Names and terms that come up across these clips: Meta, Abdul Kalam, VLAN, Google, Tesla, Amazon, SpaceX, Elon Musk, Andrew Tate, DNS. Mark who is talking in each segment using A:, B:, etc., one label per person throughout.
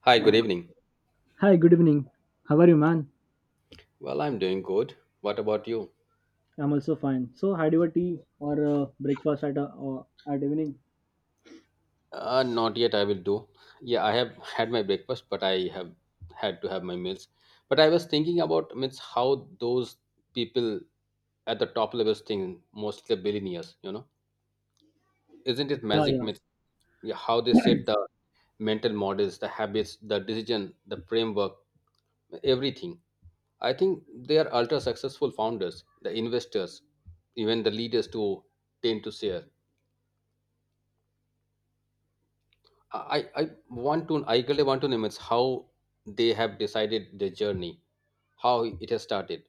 A: Hi, good evening.
B: Hi, good evening. How are you, man?
A: Well, I'm doing good. What about you?
B: I'm also fine. So, had your tea or breakfast or at evening?
A: Not yet, I will do. Yeah, I have had my breakfast, but I have had to have my meals. But I was thinking about means how those people at the top levels think, mostly the billionaires, you know. Isn't it
B: Yeah,
A: magic
B: yeah.
A: myth? Yeah, how they set the mental models, the habits, the decision, the framework, everything. I think they are ultra successful founders, the investors, even the leaders to tend to share. I want to I really want to know it's how they have decided their journey, how it has started.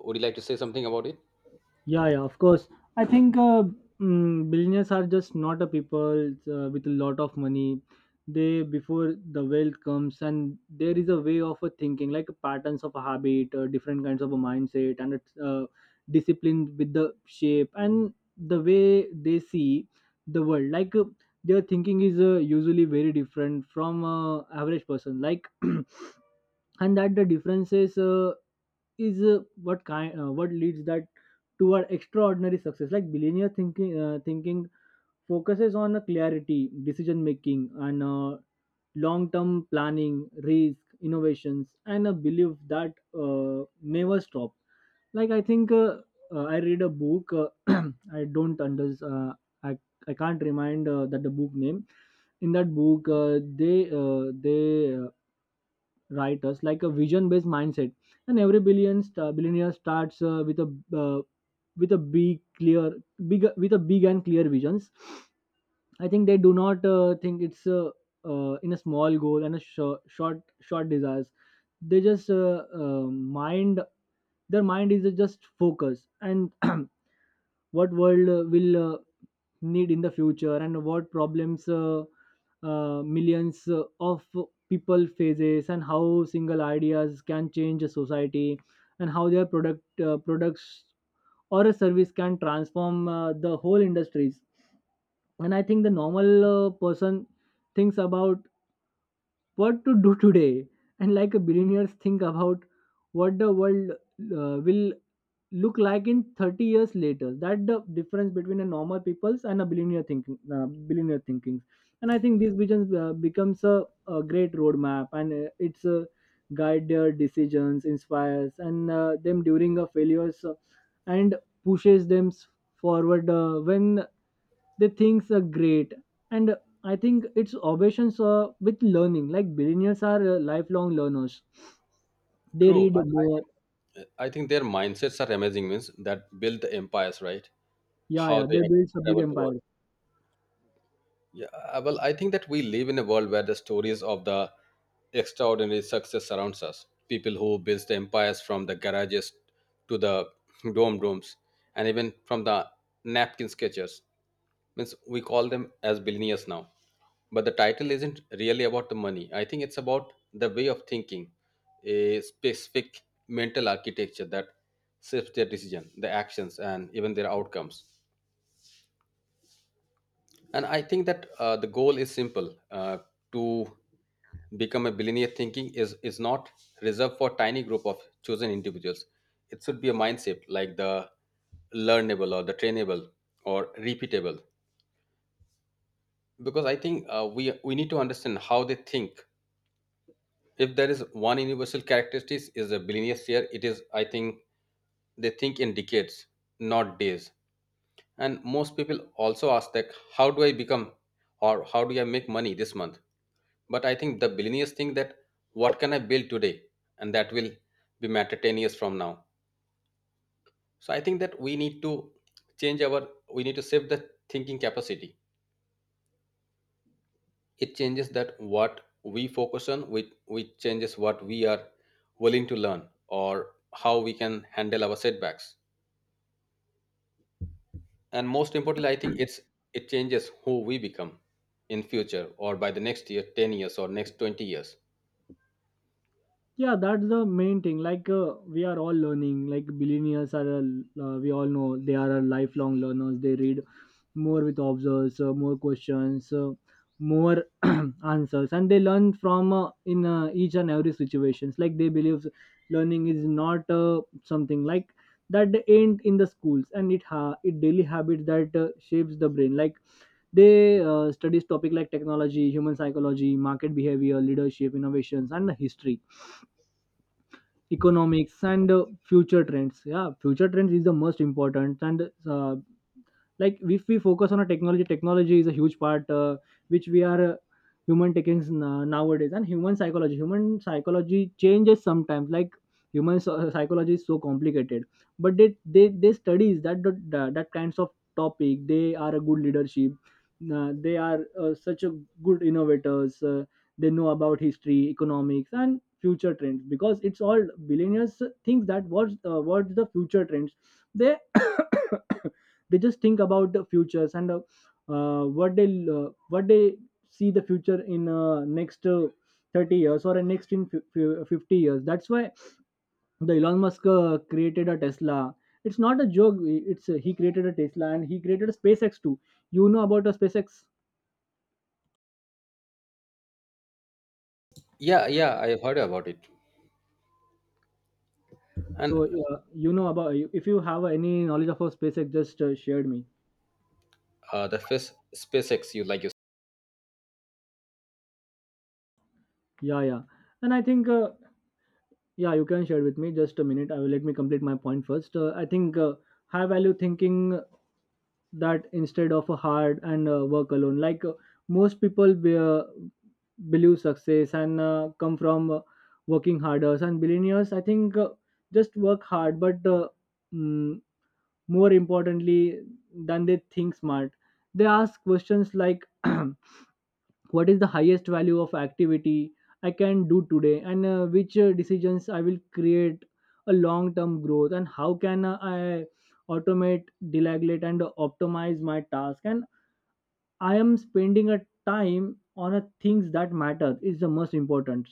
A: Would you like to say something about it?
B: Yeah, yeah, of course. I think billionaires are just not a people with a lot of money. They before the wealth comes, and there is a way of a thinking, like patterns of a habit, different kinds of a mindset, and it's discipline with the shape and the way they see the world. Like their thinking is usually very different from average person. Like and that the differences is what kind what leads that toward extraordinary success, like billionaire thinking focuses on a clarity decision making and long term planning risk innovations and a belief that never stop. Like I think I read a book, I don't under uh, I, I can't remind that the book name. In that book they writers like a vision based mindset, and every billionaire starts with a uh, big clear big with a big and clear visions. I think they do not think it's in a small goal and a short desires. They just mind their mind is just focus, and what world will need in the future, and what problems millions of people faces, and how single ideas can change a society, and how their products or a service can transform the whole industries. And I think the normal person thinks about what to do today, and like a billionaires think about what the world will look like in 30 years later, that the difference between a normal people's and a billionaire thinking. And I think this vision becomes a great roadmap, and it's a guide their decisions inspires and them during a failures, and pushes them forward when the things are great. And I think it's obsessions with learning, like billionaires are lifelong learners, they
A: True.
B: read more.
A: I think their mindsets are amazing, means that build the empires, right?
B: Yeah,
A: How
B: yeah,
A: they
B: they
A: have
B: build a big
A: traveled the world.
B: empire.
A: Yeah, well, I think that we live in a world where the stories of the extraordinary success surrounds us. People who built the empires from the garages to the dome rooms, and even from the napkin sketches. Means we call them as billionaires now. But the title isn't really about the money. I think it's about the way of thinking, a specific mental architecture that shapes their decision, the actions, and even their outcomes. And I think that the goal is simple, to become a billionaire thinking is not reserved for tiny group of chosen individuals. It should be a mindset like the learnable or the trainable or repeatable. Because I think we need to understand how they think. If there is one universal characteristic is a billionaire share, it is, I think, they think in decades, not days. And most people also ask that, how do I become or how do I make money this month? But I think the billionaires think that what can I build today? And that will be matter 10 years from now. So I think that we need to change our, we need to save the thinking capacity. It changes that what we focus on, which changes what we are willing to learn or how we can handle our setbacks. And most importantly, I think it's it changes who we become in future or by the next year, 10 years or next 20 years.
B: Yeah, that's the main thing. Like we are all learning, like billionaires are we all know they are a lifelong learners, they read more with observes, more questions, more answers, and they learn from in each and every situations. Like they believe learning is not something like that they ain't in the schools, and it daily habits that shapes the brain. Like they studies topic like technology, human psychology, market behavior, leadership, innovations, and history economics and future trends. Yeah, future trends is the most important. And like if we focus on a technology. Technology is a huge part which we are human taking nowadays. And human psychology. Human psychology changes sometimes. Like human psychology is so complicated. But they studies that, that kinds of topic. They are a good leadership, they are such a good innovators, they know about history economics and future trends, because it's all billionaires thinks that what's the future trends. They they just think about the futures, and uh, what they what they see the future in next, 30 years or next in 50 years. That's why the Elon Musk created a Tesla. It's not a joke, it's he created a Tesla, and he created a SpaceX too. You know about a SpaceX?
A: Yeah, yeah, I heard about it.
B: So
A: And
B: you know about, if you have any knowledge of a SpaceX, just shared me.
A: the first SpaceX, you
B: Yeah, yeah. And I think yeah, you can share with me. Just a minute. I will Let me complete my point first. I think high value thinking, that instead of a hard and work alone, like most people believe success and come from working harder, and billionaires, I think, just work hard, but mm, more importantly than they think smart, they ask questions like what is the highest value of activity I can do today, and which decisions I will create a long term growth, and how can I automate delegate and optimize my task, and I am spending a time on a things that matter is the most important.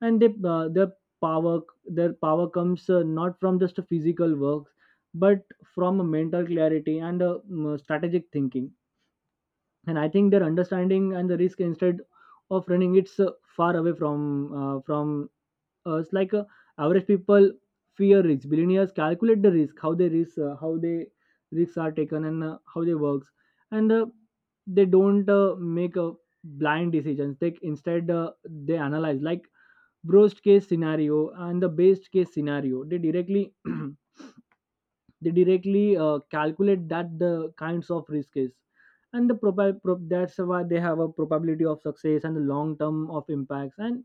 B: And power their power comes not from just a physical work, but from a mental clarity and strategic thinking. And I think their understanding and the risk instead of running, it's far away from us, like average people fear risk, billionaires calculate the risk, how they risks are taken, and how they works. And they don't make a blind decisions, they instead they analyze like worst case scenario and the best case scenario. They directly they directly calculate that the kinds of risk is, and the that's why they have a probability of success and the long term of impacts. And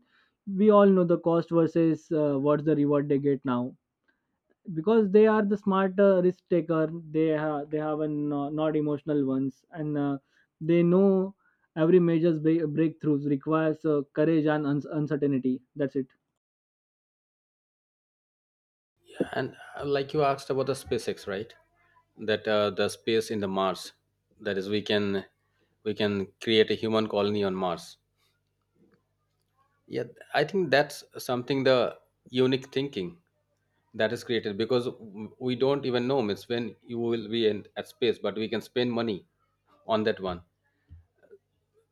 B: we all know the cost versus what's the reward they get now, because they are the smart risk taker. They have a not emotional ones, and they know every major breakthroughs requires courage and uncertainty. That's it.
A: and like you asked about the SpaceX, right? That the space in the Mars, that is, we can create a human colony on Mars. Yeah, I think that's something the unique thinking that is created because we don't even know it's when you will be in, at space, but we can spend money on that one.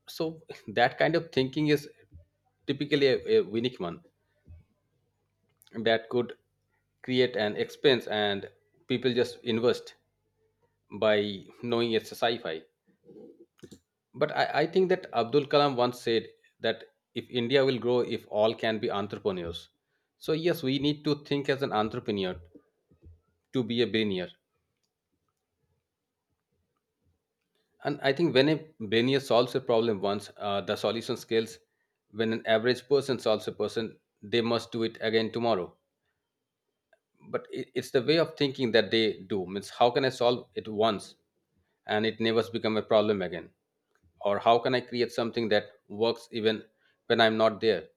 A: So that kind of thinking is typically a unique one that could create an expense and people just invest by knowing it's a sci-fi. But I think that Abdul Kalam once said that if India will grow, if all can be entrepreneurs. So yes, we need to think as an entrepreneur to be a billionaire. And I think when a billionaire solves a problem once, the solution scales. When an average person solves a person, they must do it again tomorrow. But it's the way of thinking that they do means how can I solve it once and it never become a problem again, or how can I create something that works even when I'm not there.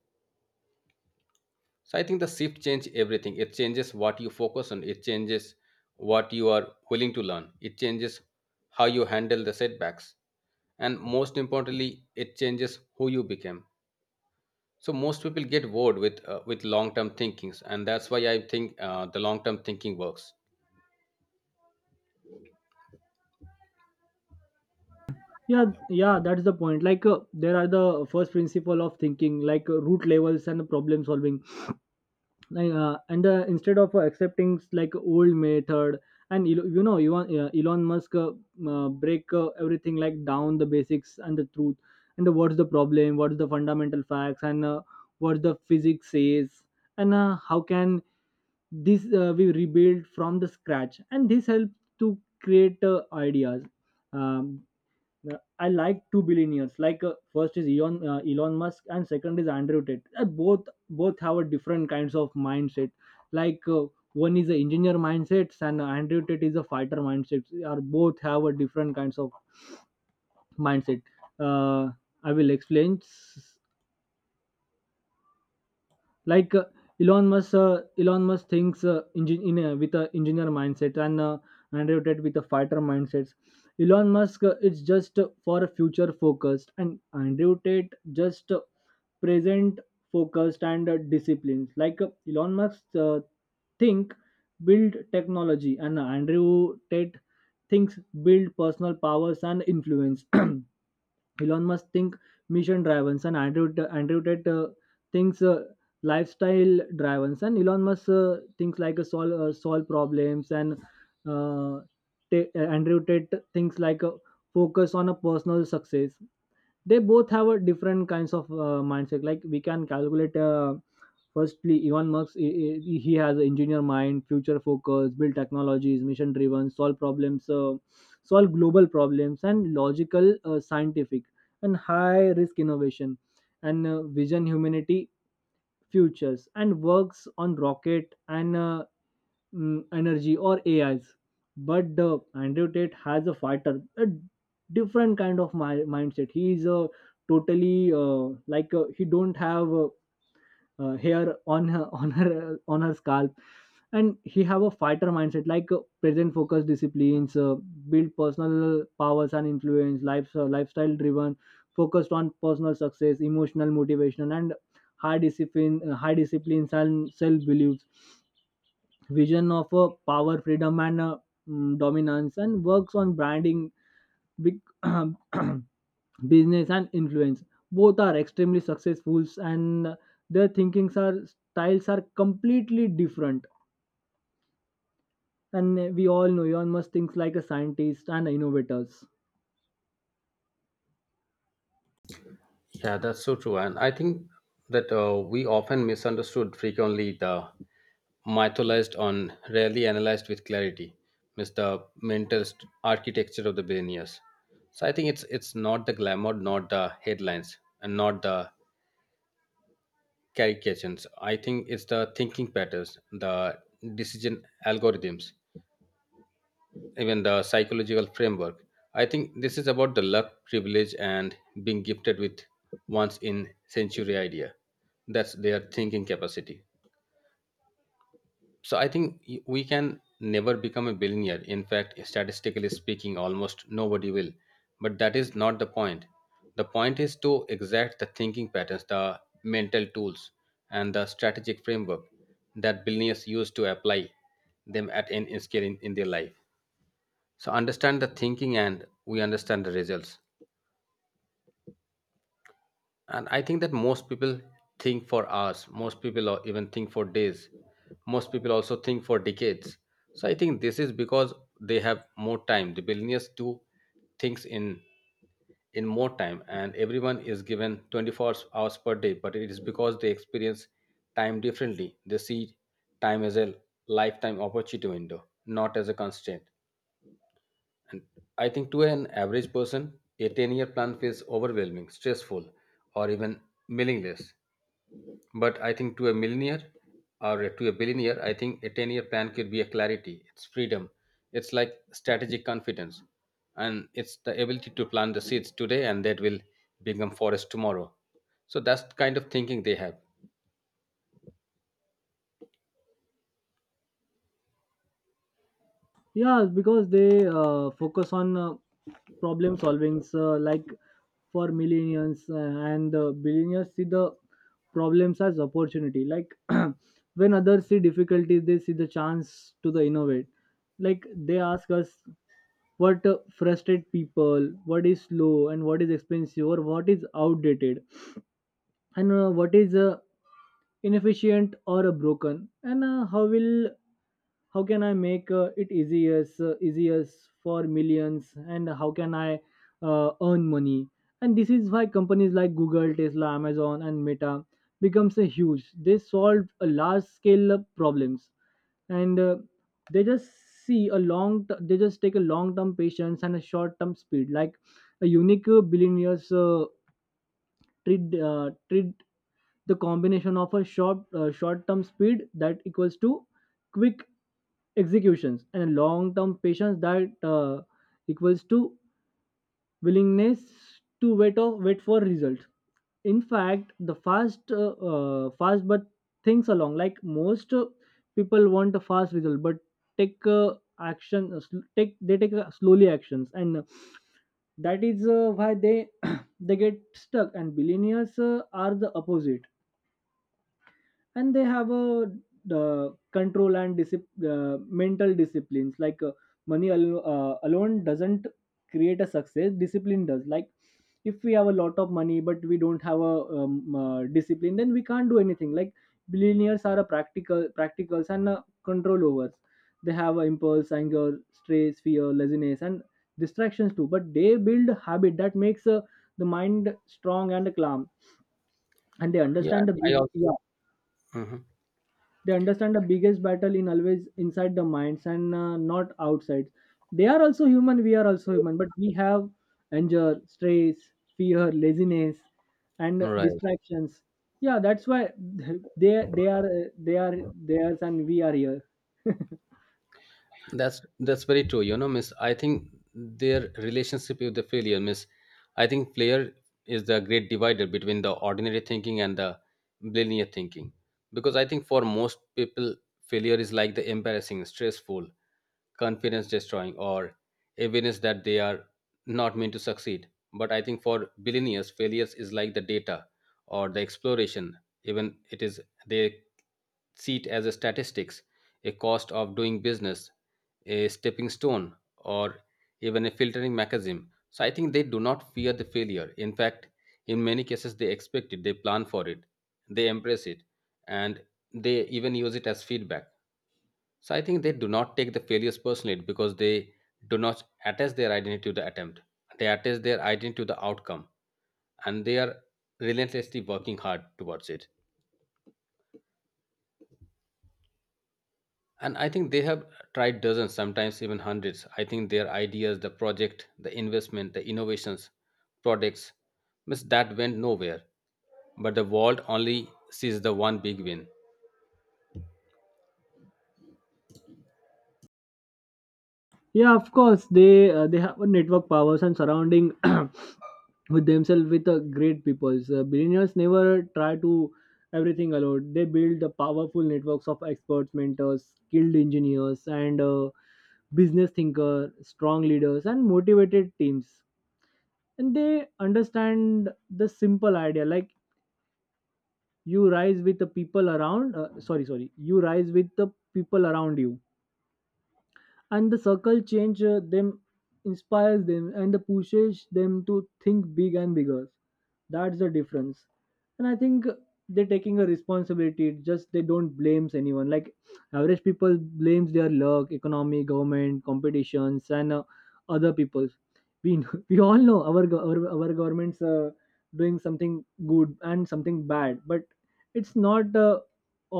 A: So I think the shift change everything. It changes what you focus on, it changes what you are willing to learn, it changes how you handle the setbacks, and most importantly it changes who you became. So most people get bored with long term thinkings, and that's why I think the long term thinking works.
B: Yeah, yeah, that's the point. Like there are the first principle of thinking, like root levels and problem solving, and instead of accepting like old method. And you know you want Elon Musk break everything, like down the basics and the truth, and what's the problem, what's the fundamental facts, and what the physics says, and how can this we rebuild from the scratch, and this helps to create ideas. um, I like two billionaires. Like first is Elon Musk, and second is Andrew Tate. Both have a different kinds of mindset. Like one is a engineer mindset, and Andrew Tate is a fighter mindset. Are both have a different kinds of mindset. Uh, I will explain. Like Elon Musk thinks with a engineer mindset, and Andrew Tate with a fighter mindsets. Elon Musk is just for a future focused, and Andrew Tate just present focused and disciplined. Like Elon Musk think build technology, and Andrew Tate thinks build personal powers and influence. Elon Musk think mission drivens, and Andrew Tate thinks lifestyle drivens. And Elon Musk thinks like a solve problems, and uh, Andrew Tate thinks like a focus on a personal success. They both have a different kinds of mindset. Like we can calculate firstly, Elon Musk he has an engineer mind, future focus, build technologies, mission driven, solve global problems, and logical, scientific, and high risk innovation, and vision humanity futures, and works on rocket and energy or AIs. But Andrew Tate has a fighter, a different kind of mindset. He is a totally like he don't have. Hair on her scalp, and he have a fighter mindset like present focused disciplines, build personal powers and influence lifestyle driven, focused on personal success, emotional motivation, and high disciplines and self beliefs, vision of power, freedom, and dominance, and works on branding big business and influence. Both are extremely successful, and their thinkings are styles are completely different. And we all know Elon Musk thinks like a scientist and innovators.
A: Yeah, that's so true. And I think that we often misunderstood frequently the mythologized on rarely analyzed with clarity, means the mental architecture of the billionaires. So I think it's not the glamour, not the headlines, and not the caricatures. I think it's the thinking patterns, the decision algorithms, even the psychological framework. I think this is about the luck, privilege, and being gifted with once in century idea. That's their thinking capacity. So I think we can never become a billionaire. In fact, statistically speaking, almost nobody will. But that is not the point. The point is to exact the thinking patterns, the mental tools, and the strategic framework that billionaires use to apply them at any scale in their life. So understand the thinking and we understand the results. And I think that most people think for hours, most people or even think for days, most people also think for decades. So I think this is because they have more time. The billionaires do things in more time, and everyone is given 24 hours per day, but it is because they experience time differently. They see time as a lifetime opportunity window, not as a constraint. I think to an average person, a 10-year plan feels overwhelming, stressful, or even meaningless. But I think to a millionaire or to a billionaire, I think a 10-year plan could be a clarity, it's freedom, it's like strategic confidence, and it's the ability to plant the seeds today and that will become forest tomorrow. So that's the kind of thinking they have.
B: Yeah, because they focus on problem solvings, like for millennials, and billionaires see the problems as opportunity, like when others see difficulties, they see the chance to the innovate. Like they ask us what frustrate people, what is slow, and what is expensive, or what is outdated, and what is inefficient, or broken. And how will How can I make it easier easier for millions, and how can I earn money? And this is why companies like Google, Tesla, Amazon, and Meta becomes a huge. They solve a large scale problems. And they just see a long t- they just take a long term patience and a short term speed. Like a unique billionaires treat the combination of a short term speed that equals to quick executions, and a long term patience that equals to willingness to wait or wait for results. In fact, the fast but things along. Like most people want a fast result but take action sl- take they take slowly actions, and that is why they they get stuck, and billionaires are the opposite. And they have a control and mental disciplines. Like money alone doesn't create a success, discipline does. Like if we have a lot of money but we don't have a discipline, then we can't do anything. Like billionaires are a practicals and control overs. They have a impulse, anger, stress, fear, laziness, and distractions too, but they build habit that makes the mind strong and calm. And they
A: Yeah,
B: understand
A: I also.
B: yeah,
A: Mhm.
B: they understand the biggest battle in always inside the minds and not outside. They are also human, we are also human, but we have anger, stress, fear, laziness, and
A: Right.
B: distractions. Yeah, that's why they are theirs and we are here.
A: That's very true. You know, Miss. I think their relationship with the failure, Miss. I think failure is the great divider between the ordinary thinking and the linear thinking, because I think for most people, failure is like the embarrassing, stressful, confidence destroying, or evidence that they are not meant to succeed. But I think for billionaires, failures is like the data or the exploration. Even it is they see it as a statistics, a cost of doing business, a stepping stone, or even a filtering mechanism. So I think they do not fear the failure. In fact, in many cases, they expect it, they plan for it, they embrace it, and they even use it as feedback. So I think they do not take the failures personally because they do not attach their identity to the attempt. They attach their identity to the outcome and they are relentlessly working hard towards it. And I think they have tried dozens, sometimes even hundreds. I think their ideas, the project, the investment, the innovations, products, miss that went nowhere. But the world only sees the one big win.
B: Yeah, of course. They have a network powers and surrounding with themselves with great peoples. Billionaires never try to everything alone. They build the powerful networks of experts, mentors, skilled engineers, and business thinker, strong leaders, and motivated teams. And they understand the simple idea, like you rise with the people around. Sorry, sorry. You rise with the people around you, and the circle change them, inspires them, and the pushes them to think big and bigger. That's the difference. And I think they're taking a responsibility. It's just they don't blame anyone, like average people blames their luck, economy, government, competitions, and other people. We we all know our governments doing something good and something bad, but it's not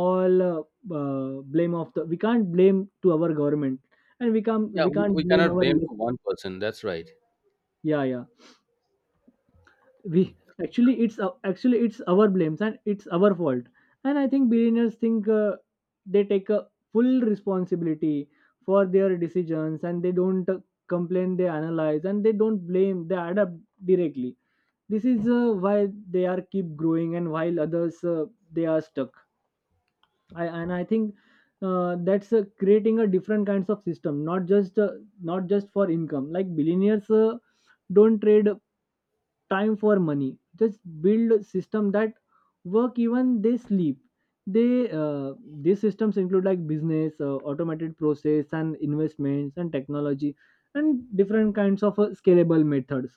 B: all blame of the. We can't blame to our government, and
A: Yeah,
B: we
A: we,
B: can't
A: we
B: blame
A: cannot
B: our.
A: blame to one person. That's right.
B: Yeah, yeah, we actually it's our blames and it's our fault. And I think billionaires think, they take a full responsibility for their decisions, and they don't complain, they analyze, and they don't blame, they adapt directly. This is why they are keep growing, and while others they are stuck. And I think, that's creating a different kinds of system, not just for income. Like billionaires don't trade time for money. Just build a system that work even they sleep. They These systems include like business, automated process, and investments and technology, and different kinds of scalable methods.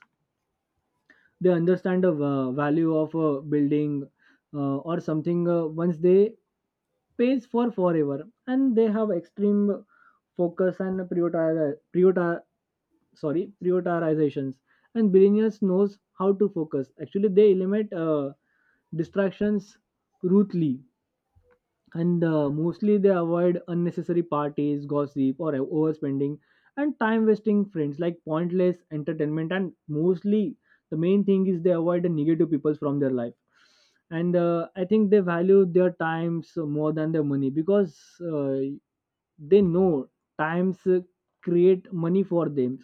B: They understand the value of a building or something. Once they pays for forever, and they have extreme focus and prioritize prioritize sorry prioritizations. And billionaires knows how to focus. Actually, they eliminate distractions ruthlessly, and mostly they avoid unnecessary parties, gossip, or overspending, and time wasting friends like pointless entertainment. And mostly, the main thing is they avoid the negative people from their life. And I think they value their times more than their money, because uh, they know times create money for them.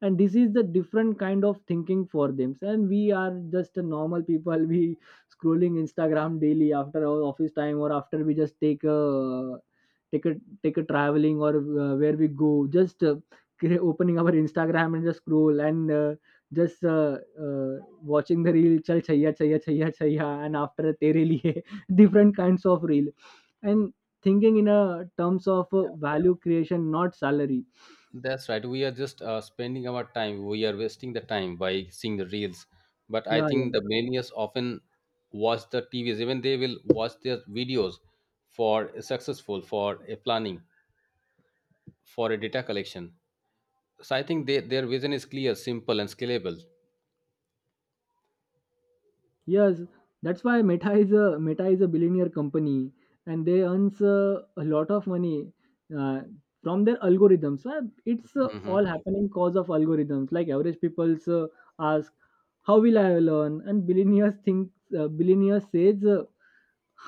B: And this is the different kind of thinking for them. And we are just a normal people we scrolling Instagram daily after our office time, or after we just take a take a traveling, or where we go, just opening our Instagram and just scroll, and just uh, watching the reel chal chaya chaya chaya chaya and after tere liye different kinds of reel. And thinking in a terms of value creation, not salary.
A: That's right. We are just spending our time. We are wasting the time by seeing the reels. But I
B: Yeah, yeah.
A: think the millennials often watch the TVs. Even they will watch their videos for successful, for a planning, for a data collection. So I think they, their vision is clear, simple, and scalable.
B: Yes, that's why Meta is a billionaire company, and they earns a lot of money uh, from their algorithms. It's
A: Hmm.
B: all happening cause of algorithms. Like average people's ask, "How will I learn?" And billionaire says,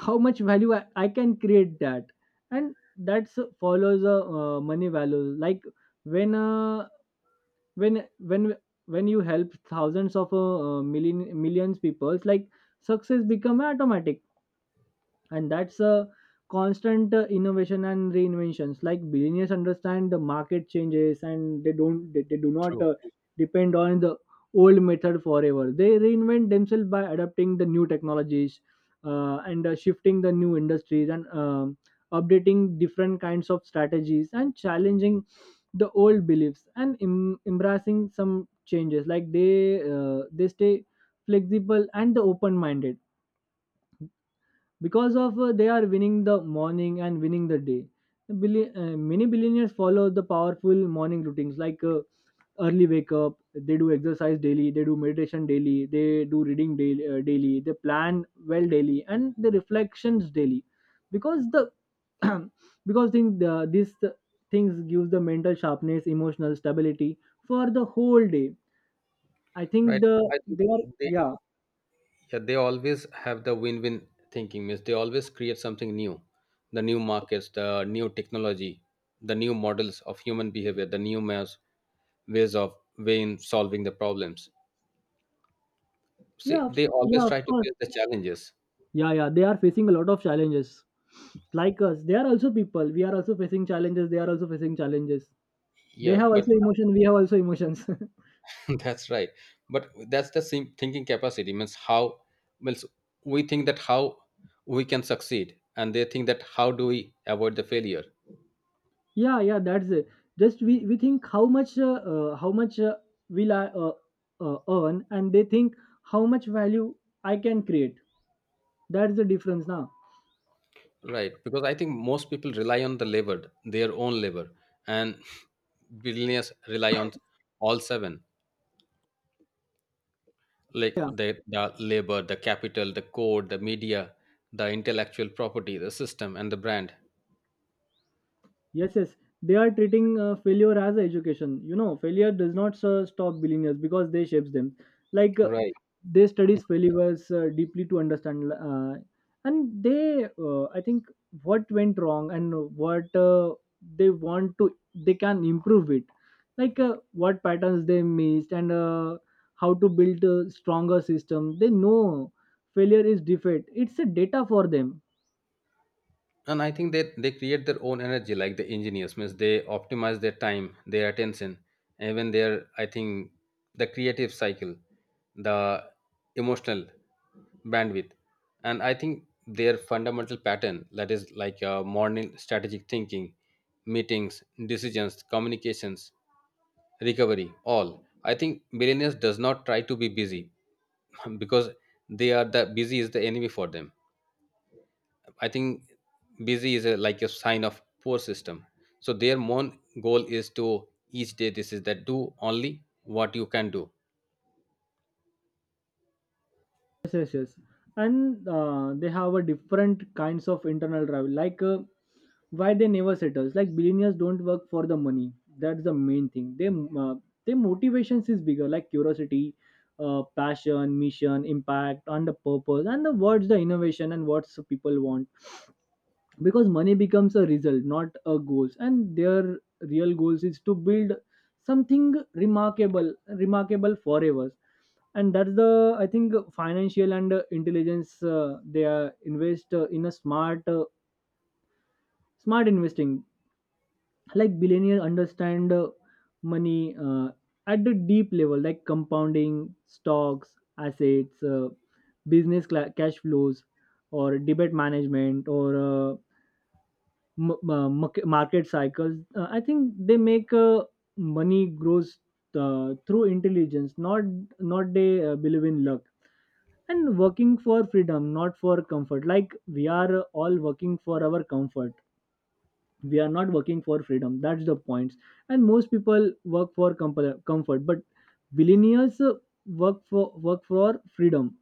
B: "How much value I can create that?" And that's follows a money value. Like when uh, when when when you help thousands of millions people, like success become automatic. And that's a constant innovation and reinventions. Like billionaires understand the market changes, and they don't they do not
A: True,
B: depend on the old method forever. They reinvent themselves by adapting the new technologies, and shifting the new industries, and updating different kinds of strategies, and challenging the old beliefs, and embracing some changes. Like they stay flexible and open minded. Because of they are winning the morning and winning the day. Many billionaires follow the powerful morning routines, like early wake up. They do exercise daily, they do meditation daily, they do reading daily, they plan well daily, and the reflections daily. Because the because think these things gives the mental sharpness, emotional stability for the whole day. I think
A: right?
B: the.
A: I think
B: They are.
A: they —
B: Yeah.
A: yeah, they always have the win-win thinking. Means they always create something new, the new markets, the new technology, the new models of human behavior, the new ways ways of way in solving the problems.
B: Yeah,
A: See, they always
B: yeah, of
A: try to
B: course.
A: face the challenges.
B: Yeah, yeah, they are facing a lot of challenges, like us. They are also people, we are also facing challenges, they are also facing challenges. They
A: Yeah,
B: have
A: but
B: also emotion, we have also emotions.
A: that's right, but that's the same thinking capacity means how means we think that how we can succeed and they think that how do we avoid the failure,
B: Yeah, yeah, that's it. Just we think how much will I earn, and they think how much value I can create. That's the difference now.
A: right? Because I think most people rely on the labor, their own labor, and billionaires rely on all seven, like the labor, the capital, the code, the media, the intellectual property, the system and the brand.
B: Yes, yes, they are treating failure as a education. You know failure does not stop billionaires because they shapes them. Like
A: Right.
B: they studies failures deeply to understand, and they I think what went wrong, and what they want to they can improve it, like what patterns they missed, and how to build a stronger system. They know failure is defeat, it's a data for them.
A: And I think that they create their own energy like the engineers. Means they optimize their time, their attention, even their I think the creative cycle, the emotional bandwidth. And I think their fundamental pattern that is like, morning strategic thinking, meetings, decisions, communications, recovery. All I think millionaires does not try to be busy because they are the busy is the enemy for them. I think busy is a, like a sign of poor system. So their main goal is to each day. This is that do only what you can do.
B: Yes, yes, yes. And they have a different kinds of internal travel, like why they never settles. Like billionaires don't work for the money, that's the main thing. They uh, their motivations is bigger, like curiosity, passion, mission, impact, and the purpose, and the what's the innovation and what's people want. Because money becomes a result, not a goals. And their real goals is to build something remarkable forever. And that's the, I think, financial and intelligence. They are invest in a smart investing. Like billionaire understand money at the deep level, like compounding, stocks, assets, business cash flows, or debit management, or market cycles. I think they make money grows through intelligence, not they believe in luck. And working for freedom not for comfort, like we are all working for our comfort, we are not working for freedom. That's the point. And most people work for comfort, but billionaires work for freedom.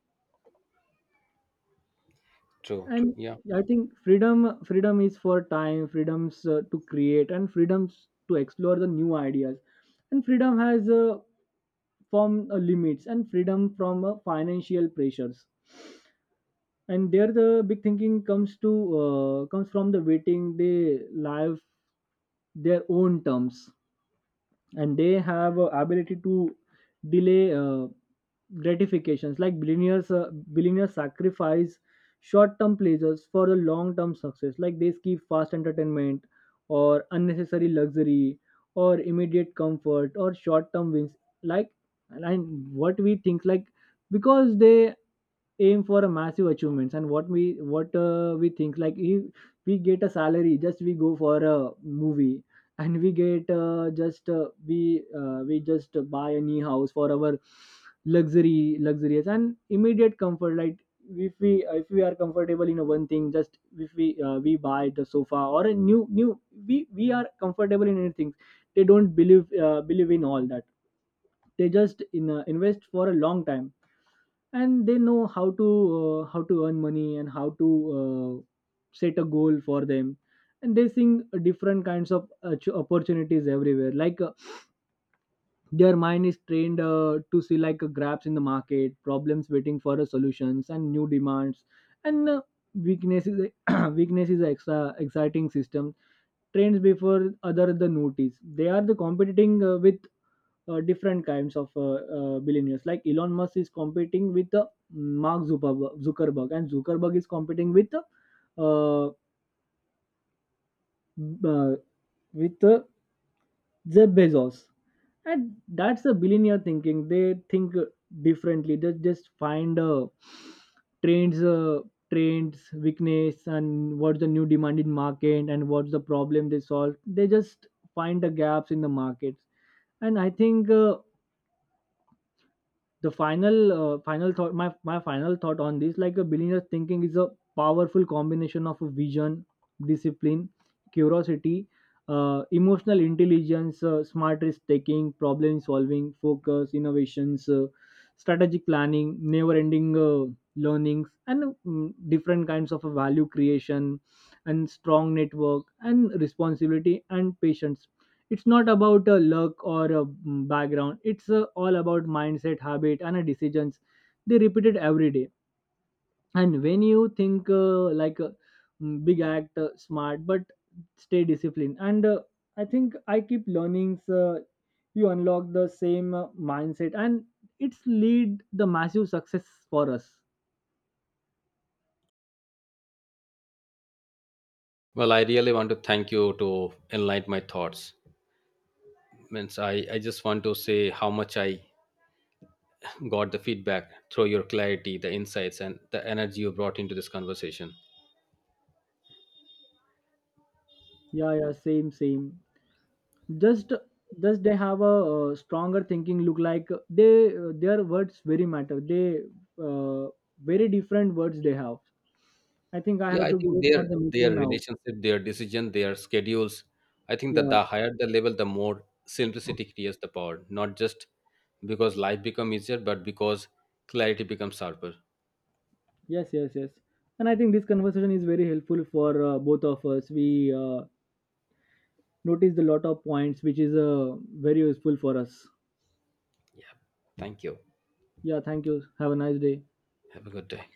A: True.
B: And
A: Yeah.
B: I think freedom is for time, freedoms to create, and freedoms to explore the new ideas, and freedom has, from limits, and freedom from financial pressures. And there the big thinking comes from the waiting. They live their own terms. And they have ability to delay gratifications. Like billionaires sacrifice short-term pleasures for the long-term success, like they skip fast entertainment, or unnecessary luxury, or immediate comfort, or short-term wins. Like, and what we think, like, because they aim for a massive achievements. And what we think, like, if we get a salary, just we go for a movie, and we get, just we just buy a new house for our luxury, luxurious, and immediate comfort. Like if we are comfortable in a one thing, just if we we buy the sofa or a new. We are comfortable in anything. They don't believe in all that. They just invest for a long time. And they know how to earn money, and how to uh, set a goal for them. And they seeing different kinds of opportunities everywhere. Like their mind is trained to see, like grabs in the market, problems waiting for solutions and new demands, and weakness is a extra exciting system, trends before other the notice. They are the competing with different kinds of billionaires, like Elon Musk is competing with Mark Zuckerberg. Zuckerberg and Zuckerberg is competing with uh, with uh, Jeff Bezos. And that's a billionaire thinking. They think differently. They just find trends uh, trends weakness, and what's the new demand in market, and what's the problem they solve. They just find the gaps in the markets. And I think, the final final thought, my final thought on this, like a billionaire thinking is a powerful combination of a vision, discipline, curiosity, emotional intelligence, smart risk taking, problem solving, focus, innovations, strategic planning, never ending learnings, and different kinds of value creation, and strong network, and responsibility, and patience. It's not about a luck or a background. It's all about mindset, habit, and decisions they repeat it every day. And when you think like a big, act smart, but stay disciplined, and I think I keep learnings you unlock the same mindset, and it's lead the massive success for us.
A: Well, I really want to thank you to enlighten my thoughts. Means I just want to say how much I got the feedback through your clarity, the insights, and the energy you brought into this conversation.
B: Yeah, yeah, same, same. Just just they have a, stronger thinking look, like they their words very matter. They uh, Very different words they have. I think I
A: Yeah,
B: have
A: I
B: to
A: think
B: go for the
A: their
B: meeting now.
A: relationship, their decision, their schedules. I think that
B: Yeah.
A: the higher the level, the more simplicity creates the power. Not just because life becomes easier, but because clarity becomes sharper.
B: Yes, yes, yes. And I think this conversation is very helpful for both of us. We noticed a lot of points which is very useful for us.
A: Yeah. Thank you.
B: Yeah, thank you, have a nice day.
A: Have a good day.